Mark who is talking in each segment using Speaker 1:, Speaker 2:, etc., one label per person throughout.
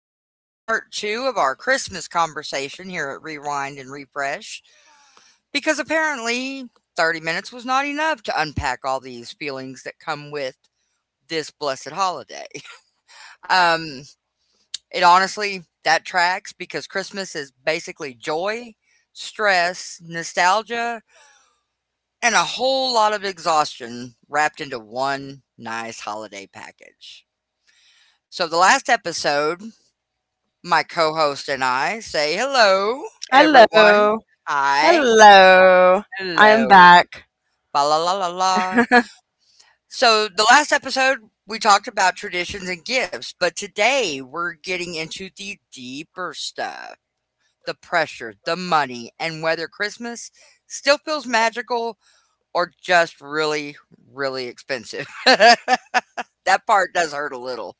Speaker 1: back with part two of our Christmas conversation here at Rewind and Refresh because apparently 30 minutes was not enough to unpack all these feelings that come with this blessed holiday. Um, it honestly, that tracks because Christmas is basically joy, stress, nostalgia, and a whole lot of exhaustion wrapped into one nice holiday package. So, the last episode, my co host and I say hello, everyone.
Speaker 2: Hello.
Speaker 1: Hi.
Speaker 2: Hello. I
Speaker 1: Hello.
Speaker 2: am back.
Speaker 1: Ba la la la la. So, the last episode, we talked about traditions and gifts, but today we're getting into the deeper stuff, the pressure, the money, and whether Christmas still feels magical or just really, really expensive. That part does hurt a little.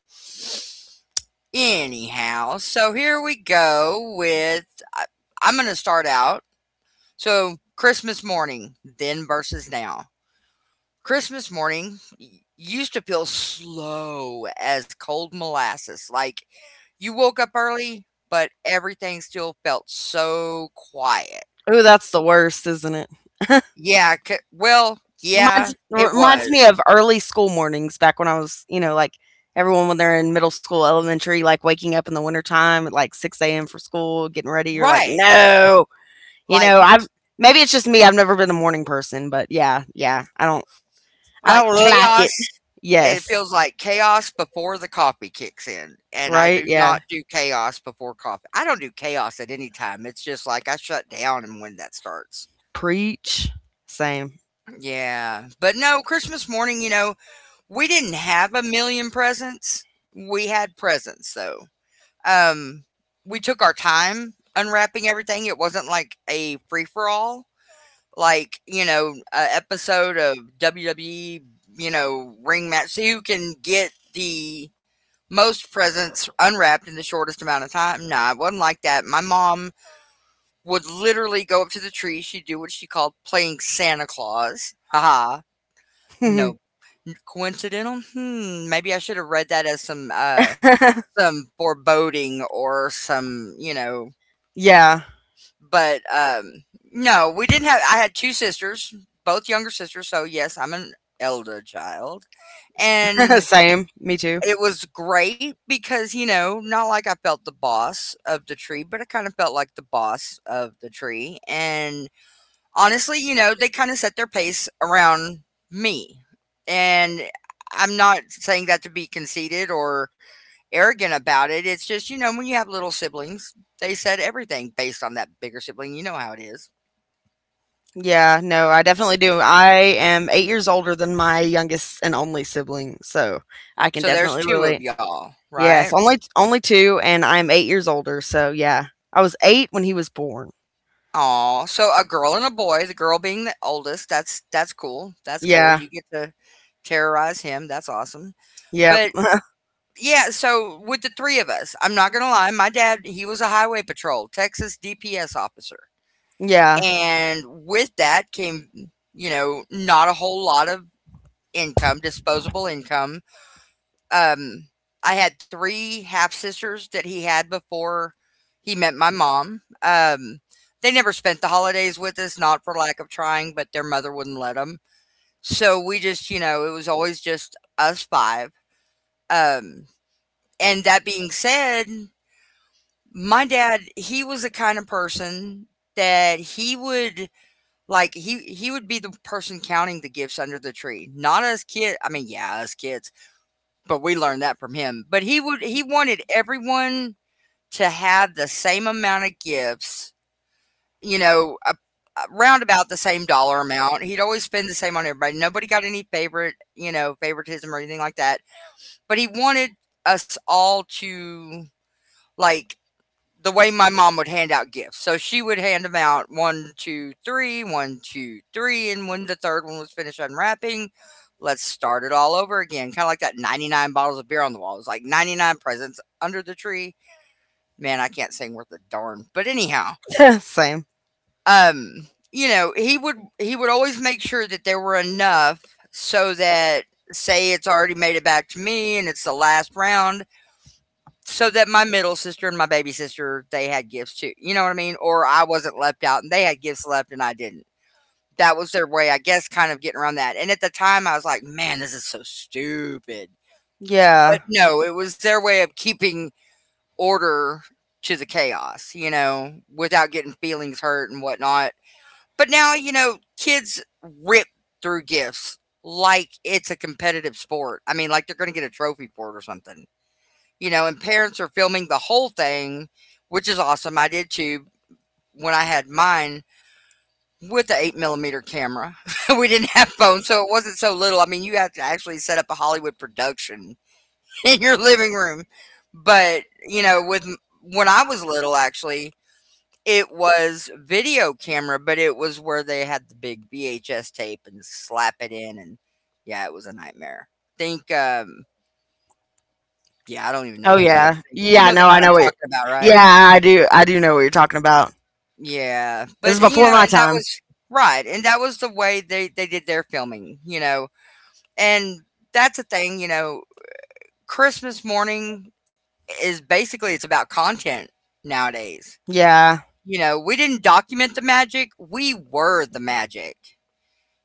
Speaker 1: Anyhow, so here we go with I- I'm going to start out. So Christmas morning, then versus now. Christmas morning used to feel slow as cold molasses. Like you woke up early, but everything still felt so quiet.
Speaker 2: Oh, that's the worst, isn't it?
Speaker 1: Yeah, well, yeah,
Speaker 2: Reminds
Speaker 1: it
Speaker 2: reminds me
Speaker 1: was.
Speaker 2: of early school mornings back when I was, you know, like everyone when they're in middle school, elementary, like waking up in the wintertime at like six AM for school, getting ready, you're like,
Speaker 1: Right.
Speaker 2: no. You
Speaker 1: Like
Speaker 2: know, I've maybe it's just me, I've never been a morning person, but yeah, yeah. I
Speaker 1: like
Speaker 2: don't like
Speaker 1: chaos,
Speaker 2: it.
Speaker 1: it
Speaker 2: Yes.
Speaker 1: feels like chaos before the coffee kicks in. And I
Speaker 2: Right?
Speaker 1: do
Speaker 2: Yeah.
Speaker 1: not do chaos before coffee. I don't do chaos at any time. It's just like I shut down and when that starts.
Speaker 2: Preach. Same.
Speaker 1: Yeah, but no, Christmas morning, you know, we didn't have a million presents. We had presents though. Um, we took our time unwrapping everything. It wasn't like a free for all, like a episode of WWE, you know, ring match. See who can get the most presents unwrapped in the shortest amount of time. Nah, it wasn't like that. My mom would literally go up to the tree. She'd do what she called playing Santa Claus. Haha. No. Coincidental? Hmm, maybe I should have read that as some foreboding or some,
Speaker 2: Yeah.
Speaker 1: but no, we didn't have, I had two sisters, both younger sisters, so yes, I'm an elder child. And
Speaker 2: Same, me too.
Speaker 1: it was great because, you know, not like I felt the boss of the tree, but I kind of felt like the boss of the tree. And honestly, you know, they kind of set their pace around me. And I'm not saying that to be conceited or arrogant about it. It's just, you know, when you have little siblings, they said everything based on that bigger sibling. You know how it is.
Speaker 2: Yeah, no, I definitely do. I am 8 years older than my youngest and only sibling, so I can
Speaker 1: So there's
Speaker 2: definitely
Speaker 1: two
Speaker 2: relate.
Speaker 1: of y'all,
Speaker 2: Yes,
Speaker 1: right?
Speaker 2: only two, and I'm 8 years older, so yeah, I was 8 when he was born.
Speaker 1: Aw, so a girl and a boy. The girl being the oldest. That's cool. That's cool.
Speaker 2: Yeah,
Speaker 1: You get to terrorize him. That's awesome.
Speaker 2: yep.
Speaker 1: But yeah, so with the three of us, I'm not gonna lie, my dad, he was a highway patrol, Texas DPS officer,
Speaker 2: Yeah.
Speaker 1: and with that came, you know, not a whole lot of income, disposable income. Um, I had three half sisters that he had before he met my mom. They never spent the holidays with us, not for lack of trying, but their mother wouldn't let them. So we just, you know, it was always just us five. Um, and that being said, my dad, he was the kind of person that he would be the person counting the gifts under the tree. Not us kid I mean, yeah, us kids, but we learned that from him. But he wanted everyone to have the same amount of gifts, you know, a round about the same dollar amount. He'd always spend the same on everybody. Nobody got any favorite, you know, favoritism or anything like that. But he wanted us all to, like, the way my mom would hand out gifts. So she would hand them out one, two, three, one, two, three, and when the third one was finished unwrapping, let's start it all over again. Kind of like that 99 bottles of beer on the wall. It was like 99 presents under the tree. Man, I can't sing worth a darn. But anyhow,
Speaker 2: Same.
Speaker 1: you know, he would always make sure that there were enough so that, say it's already made it back to me and it's the last round, so that my middle sister and my baby sister, they had gifts too, you know what I mean, or I wasn't left out and they had gifts left and I didn't. That was their way, I guess, kind of getting around that. And at the time I was like, man, this is so stupid. But
Speaker 2: Yeah.
Speaker 1: no, it was their way of keeping order to the chaos, you know, without getting feelings hurt and whatnot. But now, you know, kids rip through gifts like it's a competitive sport. I mean, like, they're gonna get a trophy for it or something. You know, and parents are filming the whole thing, which is awesome. I did too when I had mine with the 8 millimeter camera. We didn't have phones, so it wasn't so little. I mean, you had to actually set up a Hollywood production in your living room. But, you know, when I was little, actually, it was video camera, but it was where they had the big VHS tape and slap it in. And yeah, it was a nightmare. Think, yeah, I don't even know
Speaker 2: Oh
Speaker 1: what to tell you.
Speaker 2: yeah.
Speaker 1: But you
Speaker 2: Yeah.
Speaker 1: know the
Speaker 2: No, I
Speaker 1: kind I'm
Speaker 2: know what.
Speaker 1: talking about,
Speaker 2: Yeah,
Speaker 1: right?
Speaker 2: I do. I do know what you're talking about.
Speaker 1: Yeah,
Speaker 2: This
Speaker 1: but,
Speaker 2: is
Speaker 1: you
Speaker 2: before
Speaker 1: know,
Speaker 2: my
Speaker 1: and that
Speaker 2: time.
Speaker 1: was, right, and that was the way they did their filming, you know, and that's the thing, you know, Christmas morning is basically it's about content nowadays.
Speaker 2: Yeah.
Speaker 1: You know, we didn't document the magic, we were the magic.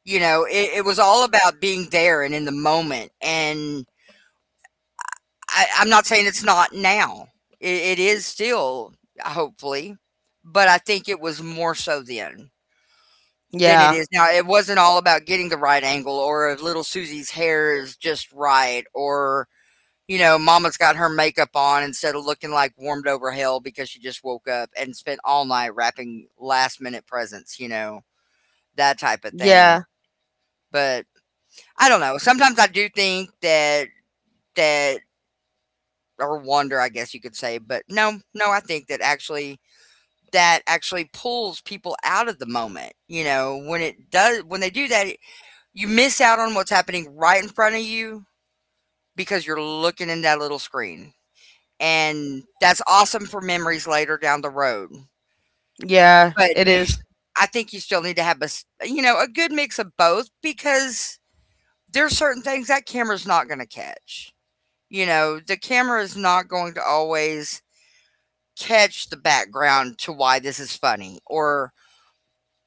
Speaker 1: You know, it was all about being there and in the moment, and I'm not saying it's not now. It is still, hopefully, but I think it was more so then. Than it
Speaker 2: Yeah.
Speaker 1: is now. It wasn't all about getting the right angle or if little Susie's hair is just right or, you know, mama's got her makeup on instead of looking like warmed over hell because she just woke up and spent all night wrapping last minute presents, you know, that type of thing.
Speaker 2: Yeah.
Speaker 1: But I don't know. Sometimes I do think that, that, or wonder, I guess you could say, but no, no, I think that actually, that actually pulls people out of the moment, you know, when it does when they do that. You miss out on what's happening right in front of you because you're looking in that little screen, and that's awesome for memories later down the road,
Speaker 2: Yeah.
Speaker 1: but
Speaker 2: It
Speaker 1: you s
Speaker 2: is.
Speaker 1: I think you still need to have a s you know, a good mix of both because there's certain things that camera's not gonna catch, you know? The camera is not going to always catch the background to why this is funny or,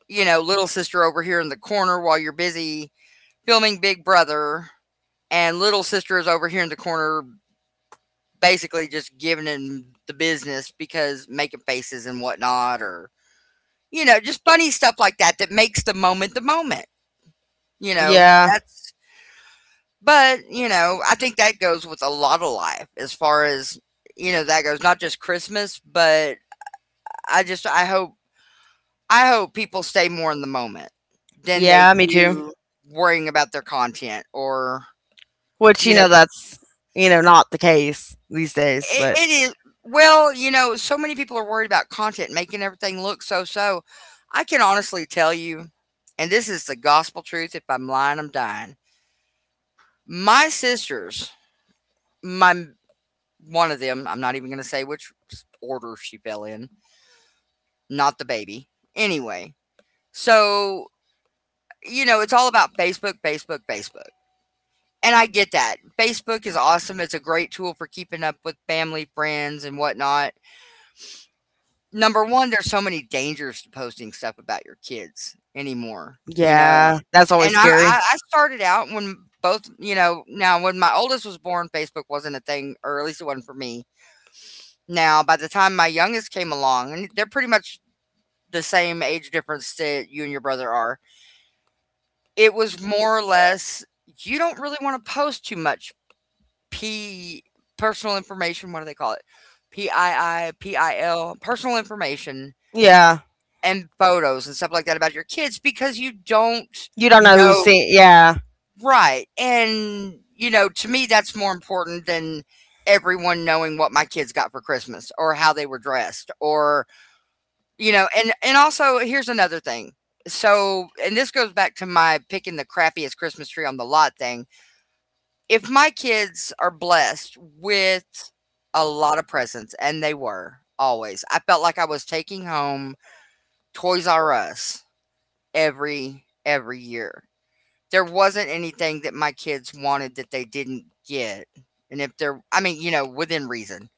Speaker 1: you know, little sister over here in the corner while you're busy filming Big Brother, and little sister is over here in the corner basically just giving him the business because making faces and whatnot, or you know, just funny stuff like that that makes the moment the moment. You know,
Speaker 2: Yeah.
Speaker 1: that's. But you know, I think that goes with a lot of life as far as, you know, that goes. Not just Christmas, but I hope, I hope people stay more in the moment than they
Speaker 2: Yeah, me too.
Speaker 1: do worrying about their content or,
Speaker 2: Which, you
Speaker 1: you know,
Speaker 2: know, you know, not the case these days,
Speaker 1: It
Speaker 2: but
Speaker 1: it is, well, you know, so many people are worried about content making everything look so so. I can honestly tell you, and this is the gospel truth, if I'm lying, I'm dying. My sisters, my one of them, I'm not even gonna say which order she fell in, not the baby. Anyway, so you know, it's all about Facebook, Facebook, Facebook. And I get that. Facebook is awesome. It's a great tool for keeping up with family, friends, and whatnot. Number 1, there's so many dangers to posting stuff about your kids anymore, you know?
Speaker 2: yeah, that's always
Speaker 1: And I
Speaker 2: scary.
Speaker 1: I I started out when both, you know, now when my oldest was born, Facebook wasn't a thing, or at least it wasn't for me. Now, by the time my youngest came along, and they're pretty much the same age difference that you and your brother are, it was more or less, you don't really wanna post too much, P personal information, what do they call it? PII, PIL, personal information
Speaker 2: Yeah.
Speaker 1: and photos and stuff like that about your kids because you don't
Speaker 2: You don't know who's
Speaker 1: know,
Speaker 2: seen. Yeah.
Speaker 1: right. And you know, to me that's more important than everyone knowing what my kids got for Christmas or how they were dressed, or, you know, and also here's another thing. So, and this goes back to my picking the crappiest Christmas tree on the lot thing, if my kids are blessed with a lot of presents, and they were always, I felt like I was taking home Toys R Us every year. There wasn't anything that my kids wanted that they didn't get. And if they're within reason,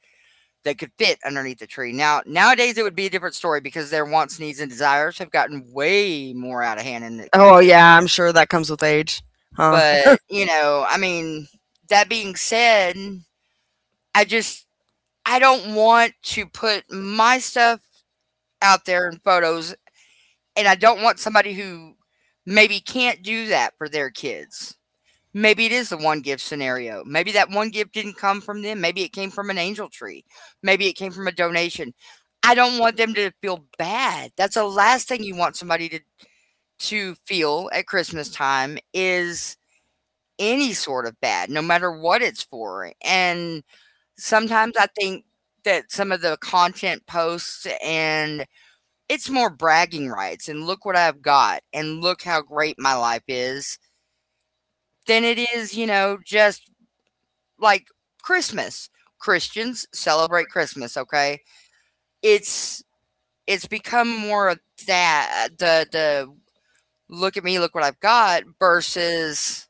Speaker 1: they could fit underneath the tree. Now nowadays it would be a different story because their wants, needs, and desires have gotten way more out of hand and
Speaker 2: Oh,
Speaker 1: expensive.
Speaker 2: yeah, I'm sure that comes with age. Huh.
Speaker 1: But that being said, I just I don't want to put my stuff out there in photos, and I don't want somebody who maybe can't do that for their kids. Maybe it is the one gift scenario. Maybe that one gift didn't come from them. Maybe it came from an angel tree. Maybe it came from a donation. I don't want them to feel bad. That's the last thing you want somebody to feel at Christmas time is any sort of bad, no matter what it's for. And sometimes I think that some of the content posts and it's more bragging rights and look what I've got and look how great my life is than it is, just like Christmas. Christians celebrate Christmas, okay? It's it's become more of that the look at me, look what I've got versus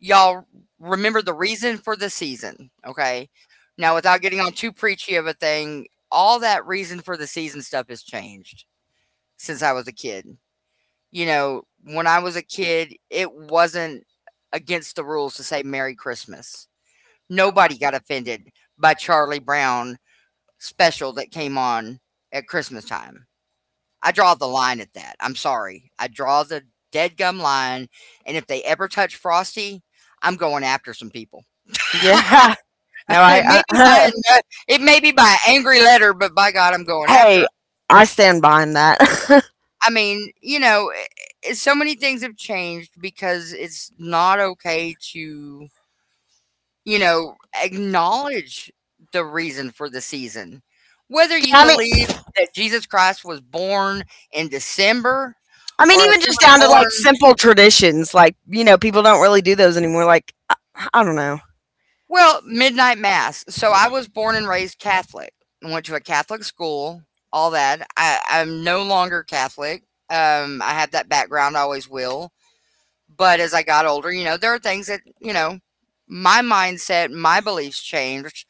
Speaker 1: y'all, remember the reason for the season, okay? Now without getting on too preachy of a thing, all that reason for the season stuff has changed since I was a kid. You know, when I was a kid, it wasn't against the rules to say Merry Christmas. Nobody got offended by Charlie Brown special that came on at Christmas time. I draw the line at that. I'm sorry. I draw the dead gum line, and if they ever touch Frosty, I'm going after some people.
Speaker 2: Yeah. No,
Speaker 1: it may be by a,
Speaker 2: I
Speaker 1: no- It may be by an angry letter, but by God, I'm going after
Speaker 2: hey,
Speaker 1: 'em.
Speaker 2: I stand behind that. Yeah,
Speaker 1: I mean, you know, i so many things have changed because it's not okay to, you know, acknowledge the reason for the season, whether you
Speaker 2: I mean,
Speaker 1: believe that Jesus Christ was born in December,
Speaker 2: I mean,
Speaker 1: or if
Speaker 2: even
Speaker 1: you
Speaker 2: just down to
Speaker 1: were born
Speaker 2: like simple traditions, like, you know, people don't really do those anymore. Like, I don't know.
Speaker 1: well, midnight mass. So I was born and raised Catholic. I went to a Catholic school, all that. I'm no longer Catholic. I have that background, I always will. But as I got older, you know, there are things that, you know, my mindset, my beliefs changed.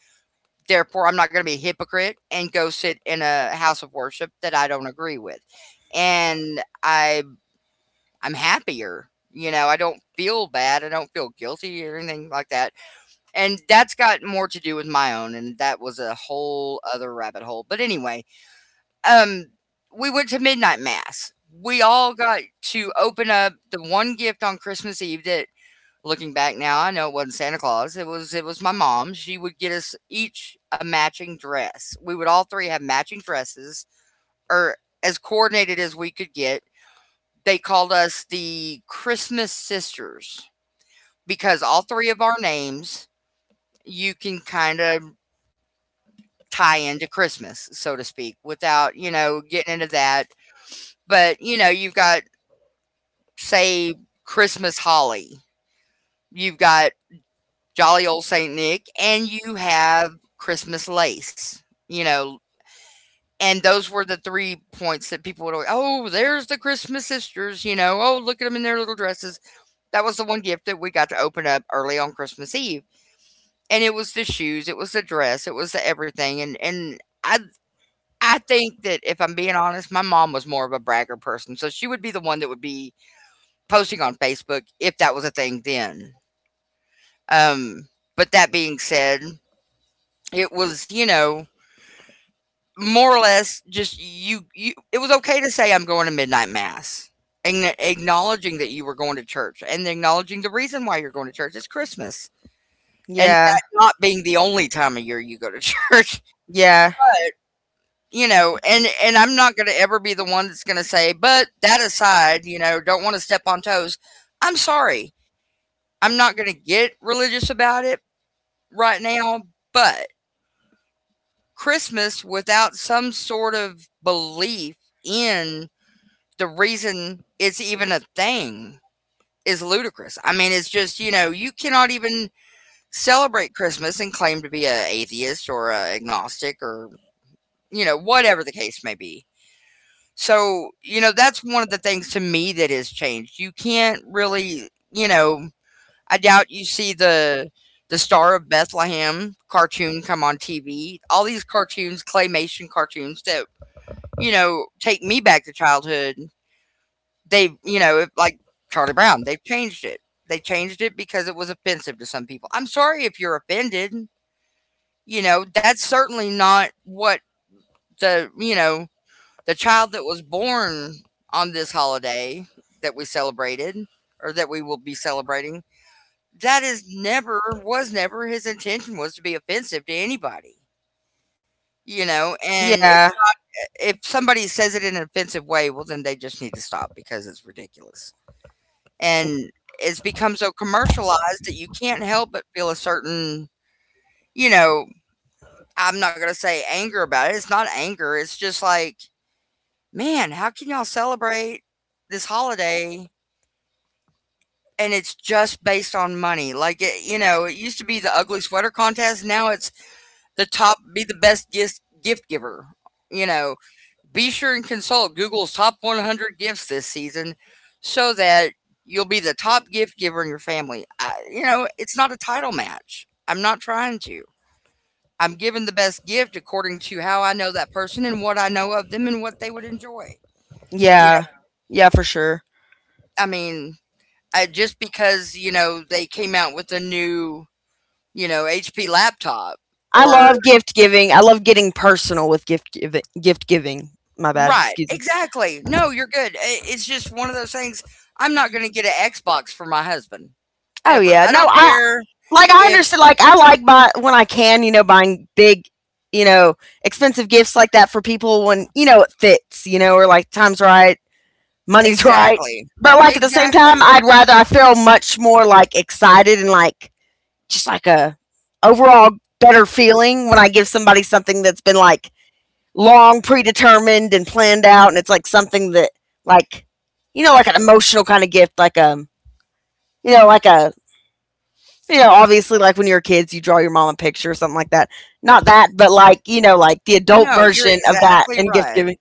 Speaker 1: Therefore, I'm not going to be a hypocrite and go sit in a house of worship that I don't agree with. And I, I'm happier. You know, I don't feel bad. I don't feel guilty or anything like that. And that's got more to do with my own, and that was a whole other rabbit hole. But anyway, um, we went to midnight mass. We all got to open up the one gift on Christmas Eve that, looking back now, I know it wasn't Santa Claus. It was my mom. She would get us each a matching dress. We would all three have matching dresses, or as coordinated as we could get. They called us the Christmas Sisters because all three of our names you can kind of tie into Christmas, so to speak, without, you know, getting into that. But, you know, you've got, say, Christmas Holly, you've got Jolly Old St. Nick, and you have Christmas Lace, you know. And those were the three points that people would always, oh, there's the Christmas sisters, you know, oh, look at them in their little dresses. That was the one gift that we got to open up early on Christmas Eve. And it was the shoes, it was the dress, it was the everything. And I think that if I'm being honest, my mom was more of a bragger person, so she would be the one that would be posting on Facebook if that was a thing then. Um, but that being said, it was, you know, more or less just you it was okay to say I'm going to midnight mass. And acknowledging that you were going to church and acknowledging the reason why you're going to church is Christmas. And
Speaker 2: Yeah.
Speaker 1: that not being the only time of year you go to church.
Speaker 2: Yeah.
Speaker 1: You know, and I'm not gonna ever be the one that's gonna say, "But that aside, you know, don't wanna step on toes." I'm sorry. I'm not gonna get religious about it right now, but Christmas without some sort of belief in the reason it's even a thing is ludicrous. I mean, it's just, you know, you cannot even celebrate Christmas and claim to be a atheist or a agnostic or, you know, whatever the case may be. So, you know, that's one of the things to me that has changed. You can't really, you know, I doubt you see the Star of Bethlehem cartoon come on TV. All these cartoons, claymation cartoons that, you know, take me back to childhood. They, you know, if, like Charlie Brown, they've changed it. They changed it because it was offensive to some people. I'm sorry if you're offended. You know, that's certainly not what the, you know, the child that was born on this holiday that we celebrated, or that we will be celebrating, that is never was never his intention was to be offensive to anybody, you know? And it,
Speaker 2: Yeah.
Speaker 1: if somebody says it in an offensive way, well, then they just need to stop because it's ridiculous. And it's become so commercialized that you can't help but feel a certain, you know, I'm not going to say anger about it. It's not anger. It's just like, man, how can y'all celebrate this holiday and it's just based on money. Like it, you know, it used to be the ugly sweater contest. Now it's the top be the best gift giver. You know, be sure and consult Google's top 100 gifts this season, so that you'll be the top gift giver in your family. You know, it's not a title match. I'm not trying to. I'm giving the best gift according to how I know that person and what I know of them and what they would enjoy. You know,
Speaker 2: Yeah. Yeah, for sure.
Speaker 1: I mean, just because you know they came out with a new, you know, HP laptop
Speaker 2: I
Speaker 1: or
Speaker 2: love gift giving. I love getting personal with gift giving. My bad.
Speaker 1: right,
Speaker 2: Excuse me.
Speaker 1: exactly. No, you're good. I It's just one of those things, I'm not gonna get an Xbox for my husband,
Speaker 2: Oh
Speaker 1: ever.
Speaker 2: yeah.
Speaker 1: I
Speaker 2: No,
Speaker 1: don't
Speaker 2: I
Speaker 1: care
Speaker 2: like I
Speaker 1: if,
Speaker 2: understand like I like buy when I can, you know, buying big, you know, expensive gifts like that for people when, you know, it fits, you know, or like time's right, money's right.
Speaker 1: exactly,
Speaker 2: But like at the same time,
Speaker 1: exactly.
Speaker 2: I feel much more like excited and like just like a overall better feeling when I give somebody something that's been like long predetermined and planned out, and it's like something that like you know like an emotional kind of gift, like you know like a you know obviously like when you're kids you draw your mom a picture or something like that. Not that, but like you know like the adult
Speaker 1: No, you're
Speaker 2: version of that
Speaker 1: exactly
Speaker 2: and gift
Speaker 1: right.
Speaker 2: giving.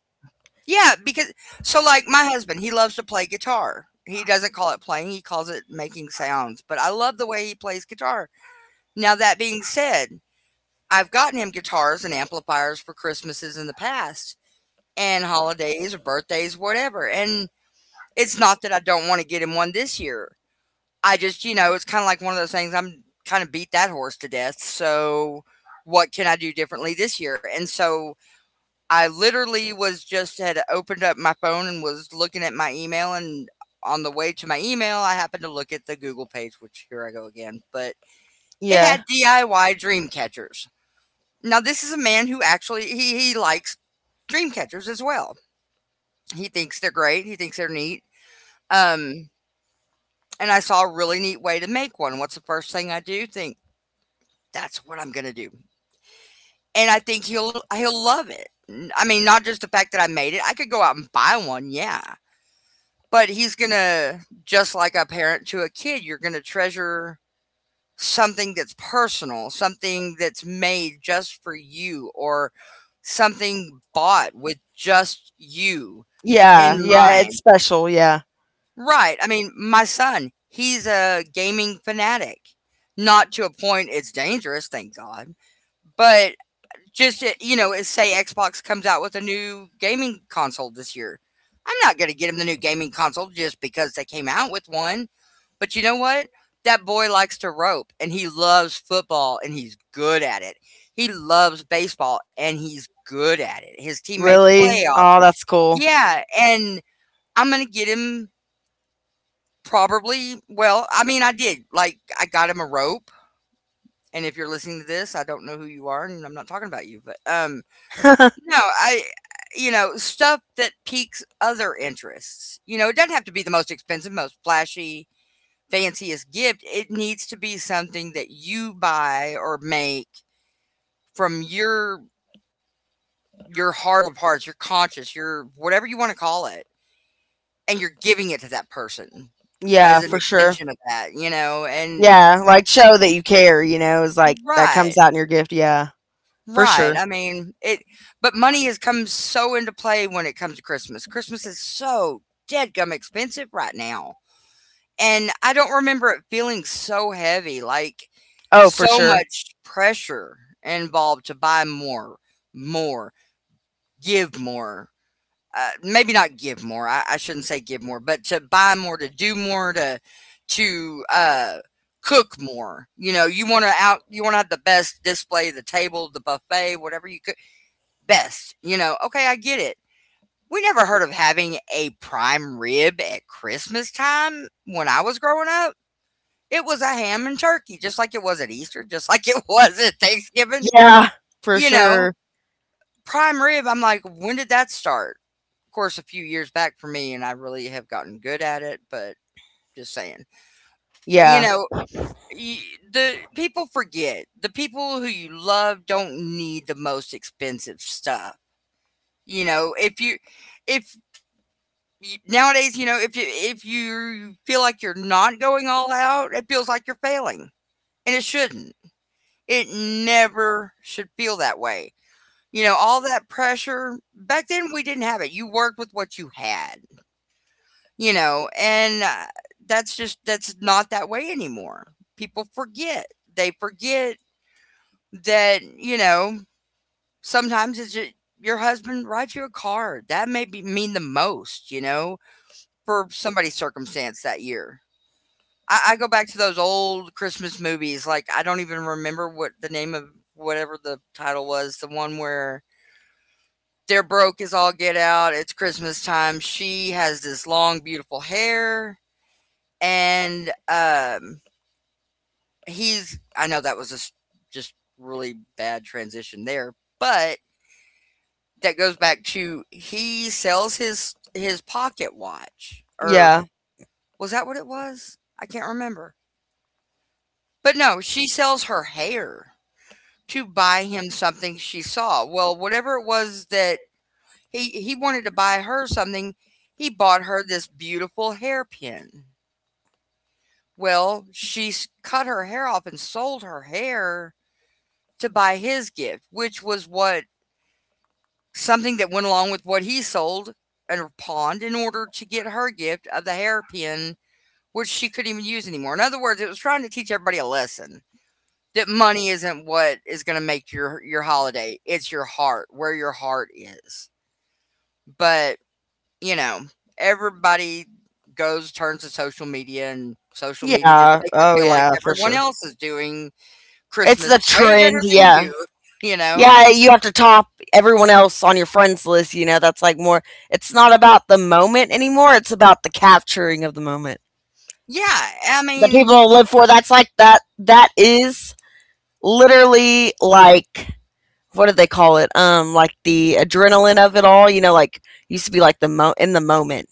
Speaker 1: Yeah, because so, like, my husband, he loves to play guitar. He doesn't call it playing, he calls it making sounds, but I love the way he plays guitar. Now that being said, I've gotten him guitars and amplifiers for Christmases in the past, and holidays or birthdays, whatever. And it's not that I don't want to get him one this year. I just, you know, it's kind of like one of those things I'm kind of beat that horse to death. So what can I do differently this year? And so I literally was just had opened up my phone and was looking at my email, and on the way to my email, I happened to look at the Google page, which here I go again, but it
Speaker 2: Yeah,
Speaker 1: had DIY dream catchers. Now this is a man who actually he likes dream catchers as well. He thinks they're great. He thinks they're neat. Um, and I saw a really neat way to make one. What's the first thing I do? Think that's what I'm gonna do, and I think he'll love it. I mean, not just the fact that I made it. I could go out and buy one, yeah. But he's gonna just like a parent to a kid. You're gonna treasure something that's personal, something that's made just for you, or something bought with just you in
Speaker 2: yeah, yeah, it's
Speaker 1: mind.
Speaker 2: special. Yeah,
Speaker 1: Right. I mean, my son, he's a gaming fanatic. Not to a point it's dangerous, thank God. But just, you know, say Xbox comes out with a new gaming console this year. I'm not going to get him the new gaming console just because they came out with one. But you know what? That boy likes to rope and he loves football and he's good at it. He loves baseball and he's good at it. His team made
Speaker 2: really,
Speaker 1: playoffs.
Speaker 2: oh that's cool.
Speaker 1: Yeah. And I'm going to get him Probably. Well, I mean, I did. Like, I got him a rope, and if you're listening to this, I don't know who you are, and I'm not talking about you, but, no, I you know, stuff that piques other interests. You know, it doesn't have to be the most expensive, most flashy, fanciest gift. It needs to be something that you buy or make from your heart of hearts, your conscience, your whatever you wanna call it, and you're giving it to that person as
Speaker 2: Yeah,
Speaker 1: an
Speaker 2: for sure.
Speaker 1: extension of that, you know, and
Speaker 2: Yeah, like show that you care, you know, is like that comes
Speaker 1: right.
Speaker 2: out in your gift. Yeah, for
Speaker 1: Right,
Speaker 2: sure.
Speaker 1: I mean, it but money has come so into play when it comes to Christmas. Christmas is so dadgum expensive right now, and I don't remember it feeling so heavy, like,
Speaker 2: Oh, for
Speaker 1: so
Speaker 2: sure.
Speaker 1: much pressure involved to buy more, more, give more. Maybe not give more, I shouldn't say give more, but to buy more, to do more, to cook more, you know, you wanna out you wanna have the best display, the table, the buffet, whatever you cook best, you know, okay, I get it. We never heard of having a prime rib at Christmas time when I was growing up. It was a ham and turkey, just like it was at Easter, just like it was at Thanksgiving.
Speaker 2: Yeah, for
Speaker 1: You know,
Speaker 2: sure.
Speaker 1: prime rib, I'm like, when did that start? Of course, a few years back for me, and I really have gotten good at it, but just saying. You
Speaker 2: Yeah.
Speaker 1: know, y- the people forget. The people who you love don't need the most expensive stuff. You know, if you if Y nowadays, you know, if you feel like you're not going all out, it feels like you're failing, and it shouldn't. It never should feel that way. You know, all that pressure back then we didn't have it. You worked with what you had, you know, and that's just that's not that way anymore. People forget. They forget that, you know, sometimes it's ju your husband writes you a card. That may be mean the most, you know, for somebody's circumstance that year. I go back to those old Christmas movies. Like I don't even remember what the name of whatever the title was. The one where they're broke as all get out. It's Christmas time. She has this long, beautiful hair, and he's. I know that was just really bad transition there, but that goes back to he sells his pocket watch,
Speaker 2: Yeah.
Speaker 1: or was that what it was? I can't remember. But no, she sells her hair to buy him something she saw. Well, whatever it was that he wanted to buy her something, he bought her this beautiful hairpin. Well, she cut her hair off and sold her hair to buy his gift, which was what something that went along with what he sold and pawned in order to get her gift of the hairpin, which she couldn't even use anymore. In other words, it was trying to teach everybody a lesson that money isn't what is going to make your holiday. It's your heart, where your heart is. But, you know, everybody goes turns to social media, and social media just
Speaker 2: Yeah.
Speaker 1: makes it
Speaker 2: Oh,
Speaker 1: feel like
Speaker 2: yeah, for
Speaker 1: everyone
Speaker 2: sure.
Speaker 1: else is doing
Speaker 2: It's the
Speaker 1: Christmas way better
Speaker 2: trend.
Speaker 1: than
Speaker 2: Yeah.
Speaker 1: you, you know?
Speaker 2: Yeah, you have to top everyone else on your friends list. You know, that's like more, it's not about the moment anymore. It's about the capturing of the moment.
Speaker 1: Yeah, I
Speaker 2: That
Speaker 1: mean
Speaker 2: people live for, that's like that is literally like, what do they call it? Like the adrenaline of it all, you know, like used to be like the mo in the moment.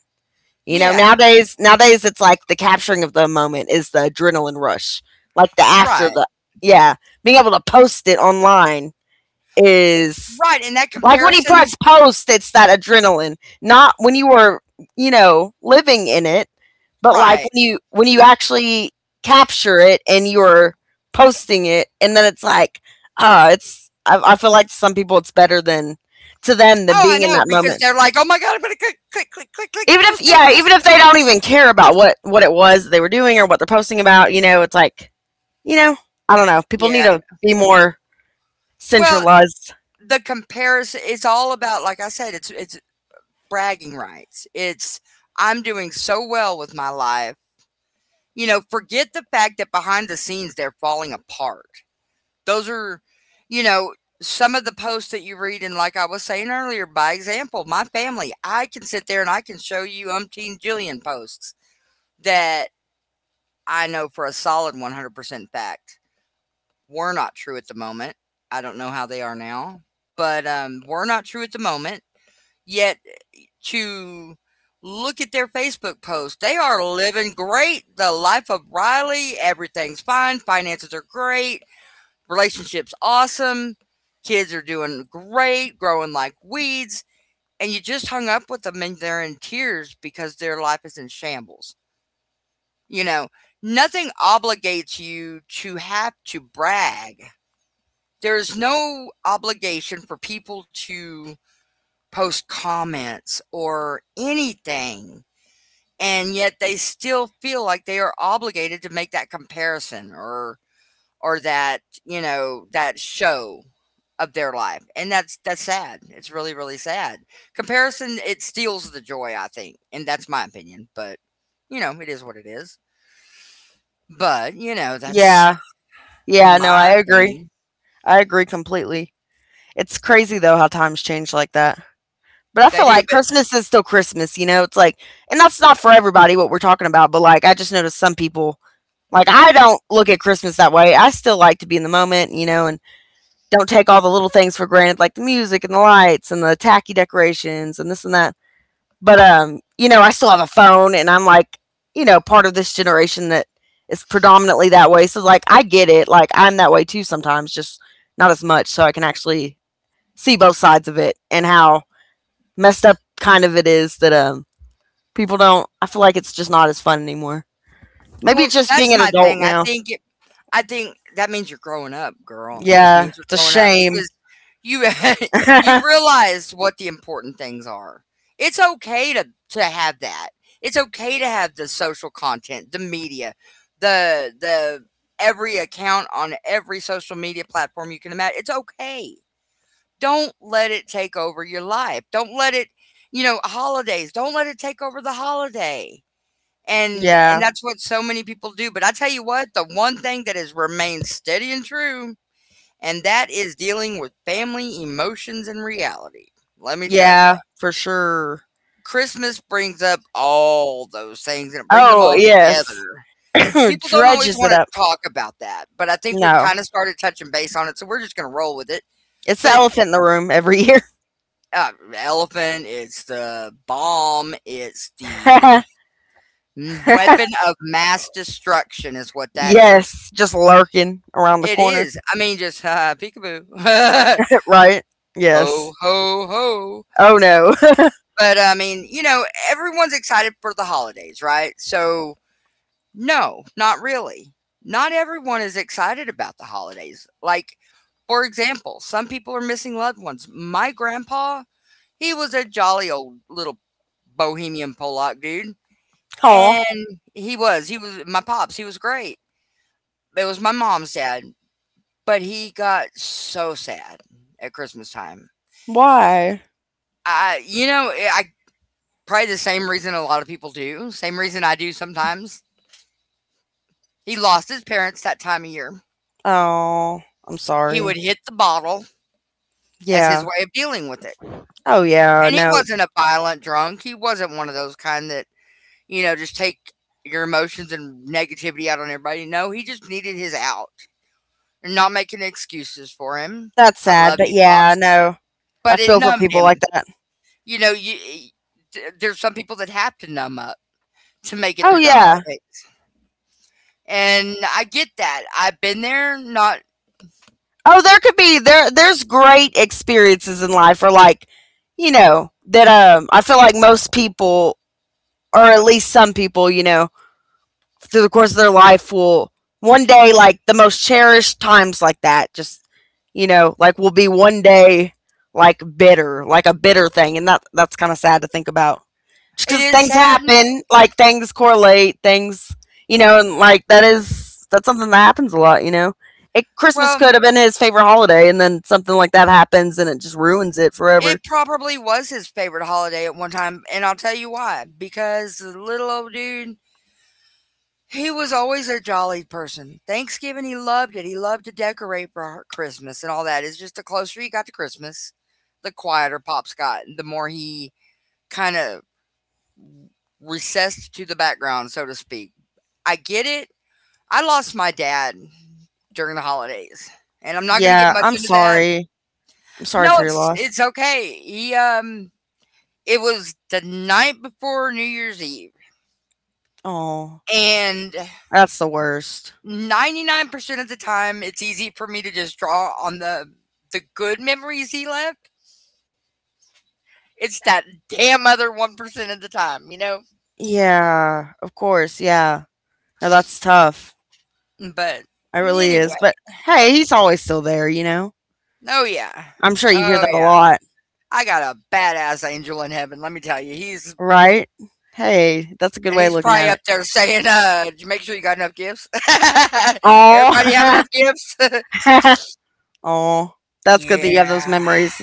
Speaker 2: You know,
Speaker 1: yeah,
Speaker 2: nowadays it's like the capturing of the moment is the adrenaline rush. Like the after
Speaker 1: right,
Speaker 2: the yeah, being able to post it online is
Speaker 1: right, and that
Speaker 2: like when you
Speaker 1: comparison
Speaker 2: press post, it's that adrenaline. Not when you were, you know, living in it, but like
Speaker 1: right.
Speaker 2: when you actually capture it and you're posting it, and then it's like, ah, it's. I feel like to some people it's better than to them than
Speaker 1: Oh, I
Speaker 2: being in
Speaker 1: know,
Speaker 2: that
Speaker 1: because
Speaker 2: moment.
Speaker 1: they're like, "Oh my god, I'm gonna click, click, click, click, click,
Speaker 2: Even if
Speaker 1: post, post,
Speaker 2: yeah even
Speaker 1: post."
Speaker 2: if they don't even care about what it was they were doing or what they're posting about, you know, it's like, you know, I don't know, people need
Speaker 1: Yeah.
Speaker 2: to be more
Speaker 1: Well,
Speaker 2: centralized.
Speaker 1: the comparison it's all about like I said, it's bragging rights. It's, "I'm doing so well with my life. You know, forget the fact that behind the scenes they're falling apart. Those are, you know, some of the posts that you read, and like I was saying earlier, by example, my family, I can sit there and I can show you umpteen jillion posts that I know for a solid 100% fact were not true at the moment. I don't know how they are now, but were not true at the moment. Yet to look at their Facebook post. They are living great, the life of Riley. Everything's fine. Finances are great. Relationships awesome. Kids are doing great, growing like weeds. And you just hung up with them and they're in tears because their life is in shambles. You know, nothing obligates you to have to brag. There is no obligation for people to post comments or anything and yet they still feel like they are obligated to make that comparison or that you know that show of their life, and that's sad, it's really really sad. Comparison, it steals the joy, I think, and that's my opinion, but you know, it is what it is. But you know, that's
Speaker 2: Yeah, yeah, no I
Speaker 1: my
Speaker 2: agree.
Speaker 1: opinion.
Speaker 2: I agree completely. It's crazy though how times change like that, but I
Speaker 1: They
Speaker 2: feel
Speaker 1: do,
Speaker 2: like
Speaker 1: but
Speaker 2: Christmas is still Christmas, you know. It's like, and that's not for everybody what we're talking about, but like I just noticed some people, like I don't look at Christmas that way, I still like to be in the moment, you know, and don't take all the little things for granted, like the music and the lights and the tacky decorations and this and that. But you know, I still have a phone, and I'm like, you know, part of this generation that is predominantly that way. So like, I get it. Like I'm that way too sometimes, just not as much. So I can actually see both sides of it and how messed up kind of it is that people don't. I feel like it's just not as fun anymore. Maybe
Speaker 1: well,
Speaker 2: it's just
Speaker 1: that's
Speaker 2: being an
Speaker 1: my
Speaker 2: adult
Speaker 1: thing, I
Speaker 2: now.
Speaker 1: think it, I think that means you're growing up girl, it just
Speaker 2: Yeah,
Speaker 1: means you're
Speaker 2: it's a
Speaker 1: growing up
Speaker 2: shame.
Speaker 1: because you you realize what the important things are. It's okay to have that. It's okay to have the social content, the media, the every account on every social media platform you can imagine. It's okay. Don't let it take over your life. Don't let it, you know, holidays. Don't let it take over the holiday. And
Speaker 2: Yeah.
Speaker 1: that's what so many people do. But I tell you what, the one thing that has remained steady and true and that is dealing with family emotions and reality. Let me tell you,
Speaker 2: Yeah, for sure.
Speaker 1: Christmas brings up all those things and it brings them
Speaker 2: Oh,
Speaker 1: all
Speaker 2: yes.
Speaker 1: together. People don't always
Speaker 2: Dredges it
Speaker 1: want to
Speaker 2: up.
Speaker 1: talk about that, but I think we've
Speaker 2: No.
Speaker 1: kind of started touching base on it, so we're just going to roll with it.
Speaker 2: It's the
Speaker 1: But
Speaker 2: elephant in the room every year.
Speaker 1: elephant, it's the bomb, it's the weapon of mass destruction, is what that is.
Speaker 2: Yes, just lurking around the
Speaker 1: It
Speaker 2: corner.
Speaker 1: is. I mean, just peekaboo.
Speaker 2: Right?
Speaker 1: Ho,
Speaker 2: Yes.
Speaker 1: ho, ho.
Speaker 2: Oh, no.
Speaker 1: But, I mean, you know, everyone's excited for the holidays, right? So, no, not really. Not everyone is excited about the holidays. Like, for example, some people are missing loved ones. My grandpa, he was a jolly old little bohemian Pollock dude.
Speaker 2: Oh,
Speaker 1: And he was my pops, he was great. It was my mom's dad, but he got so sad at Christmas time.
Speaker 2: why?
Speaker 1: I, you know, I Probably the same reason a lot of people do, same reason I do sometimes. He lost his parents that time of year.
Speaker 2: Oh, I'm
Speaker 1: He would
Speaker 2: sorry.
Speaker 1: hit the bottle as his
Speaker 2: Yeah.
Speaker 1: way of dealing with it,
Speaker 2: Oh, yeah.
Speaker 1: and he
Speaker 2: No,
Speaker 1: wasn't a violent drunk, he wasn't one of those kind that, you know, just take your emotions and negativity out on everybody, no, he just needed his out. I'm not making excuses for him.
Speaker 2: that's
Speaker 1: I
Speaker 2: sad.
Speaker 1: love
Speaker 2: But
Speaker 1: you,
Speaker 2: yeah,
Speaker 1: Pops,
Speaker 2: no, I
Speaker 1: but it
Speaker 2: feel for
Speaker 1: numbed
Speaker 2: people like
Speaker 1: him.
Speaker 2: that.
Speaker 1: You know, you e th there's some people that have to numb up to make it
Speaker 2: Oh,
Speaker 1: through the
Speaker 2: yeah.
Speaker 1: holiday, and I get that. I've been there, not
Speaker 2: Oh, there could be there's great experiences in life or like, you know, that I feel like most people or at least some people, you know, through the course of their life will one day like the most cherished times like that just you know like will be one day like bitter like a bitter thing, and that that's kind of sad to think about just
Speaker 1: It
Speaker 2: because
Speaker 1: is
Speaker 2: things
Speaker 1: sad.
Speaker 2: happen, like things correlate things, you know, and like that is that's something that happens a lot, you know. It, Christmas
Speaker 1: Well,
Speaker 2: could have been his favorite holiday and then something like that happens and it just ruins it forever.
Speaker 1: it probably was his favorite holiday at one time, and I'll tell you why. Because the little old dude, he was always a jolly person. Thanksgiving, he loved it. He loved to decorate for Christmas and all that. It's just the closer he got to Christmas, the quieter Pops got, the more he kind of recessed to the background, so to speak. I get it. I lost my dad during the holidays, and I'm not going to get
Speaker 2: Yeah,
Speaker 1: much
Speaker 2: I'm
Speaker 1: into that.
Speaker 2: sorry. I'm sorry
Speaker 1: No,
Speaker 2: for your loss.
Speaker 1: it's okay. He it was the night before New Year's Eve,
Speaker 2: Oh,
Speaker 1: and
Speaker 2: that's the worst.
Speaker 1: 99% of the time, it's easy for me to just draw on the good memories he left. It's that damn other 1% of the time, you know?
Speaker 2: Yeah, of course. Yeah. No, that's tough.
Speaker 1: But
Speaker 2: It really is.
Speaker 1: anyway,
Speaker 2: But hey, he's always still there, you know?
Speaker 1: oh yeah.
Speaker 2: I'm sure you hear
Speaker 1: Oh
Speaker 2: that a
Speaker 1: yeah.
Speaker 2: lot,
Speaker 1: I got a badass angel in heaven, let me tell you. He's
Speaker 2: right? Hey, that's a good
Speaker 1: and
Speaker 2: way of
Speaker 1: he's
Speaker 2: looking
Speaker 1: probably
Speaker 2: at it.
Speaker 1: up there saying, "Did you make sure you got enough gifts? Everybody have
Speaker 2: Oh,
Speaker 1: enough gifts?"
Speaker 2: oh, that's good that you have those
Speaker 1: Yeah.
Speaker 2: memories,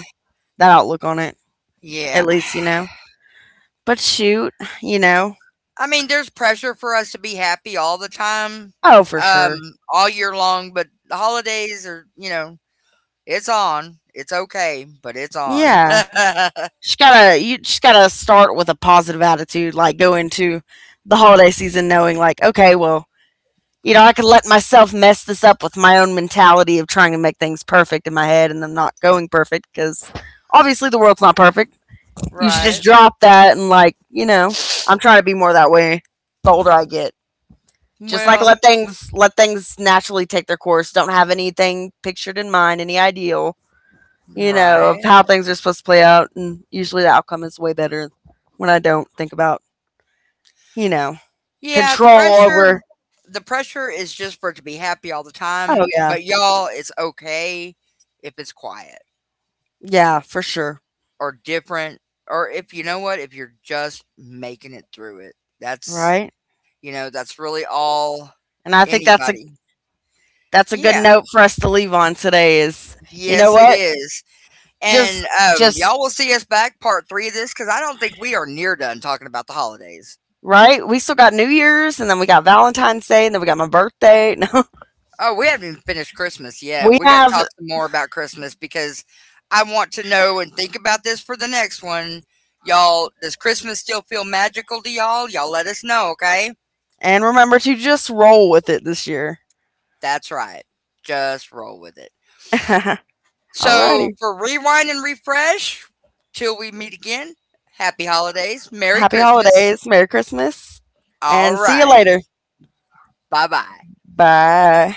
Speaker 2: that outlook on it,
Speaker 1: Yeah.
Speaker 2: at least, you know? But shoot, you know?
Speaker 1: I mean, there's pressure for us to be happy all the time,
Speaker 2: Oh, for
Speaker 1: um,
Speaker 2: sure.
Speaker 1: all year long, but the holidays are, you know, it's on. It's okay, but it's on.
Speaker 2: Yeah. You just gotta start with a positive attitude, like go into the holiday season knowing, like, okay, well, you know, I could let myself mess this up with my own mentality of trying to make things perfect in my head and them not going perfect because obviously the world's not perfect. You should just
Speaker 1: Right.
Speaker 2: drop that and like, you know, I'm trying to be more that way the older I get. Just like
Speaker 1: Well,
Speaker 2: let things naturally take their course. Don't have anything pictured in mind, any ideal, you know, of
Speaker 1: right.
Speaker 2: how things are supposed to play out, and usually the outcome is way better when I don't think about, you know,
Speaker 1: Yeah,
Speaker 2: control over.
Speaker 1: the pressure is just for it to be happy all the
Speaker 2: Oh
Speaker 1: time,
Speaker 2: yeah.
Speaker 1: but y'all, it's okay if it's quiet
Speaker 2: Yeah, for sure.
Speaker 1: or different or if you know what, if you're just making it through it. That's,
Speaker 2: Right?
Speaker 1: you know, that's really all
Speaker 2: And I think
Speaker 1: anybody.
Speaker 2: that's a good
Speaker 1: Yeah.
Speaker 2: note for us to leave on today is you know
Speaker 1: Yes, it
Speaker 2: what?
Speaker 1: is.
Speaker 2: Just
Speaker 1: And
Speaker 2: just
Speaker 1: y'all will see us back part three of this because I don't think we are near done talking about the holidays.
Speaker 2: right? We still got New Year's and then we got Valentine's Day and then we got my birthday. No.
Speaker 1: Oh, we haven't even finished Christmas yet.
Speaker 2: We
Speaker 1: We got to
Speaker 2: have.
Speaker 1: talk some more about Christmas because I want to know and think about this for the next one. Y'all, does Christmas still feel magical to y'all? Y'all let us know, okay?
Speaker 2: And remember to just roll with it this year.
Speaker 1: That's right. Just roll with it. So,
Speaker 2: Alrighty.
Speaker 1: for rewind and refresh, till we meet again, happy holidays, Merry
Speaker 2: Happy
Speaker 1: Christmas.
Speaker 2: holidays, Merry Christmas,
Speaker 1: All
Speaker 2: and see you
Speaker 1: righty.
Speaker 2: later.
Speaker 1: Bye bye.
Speaker 2: Bye.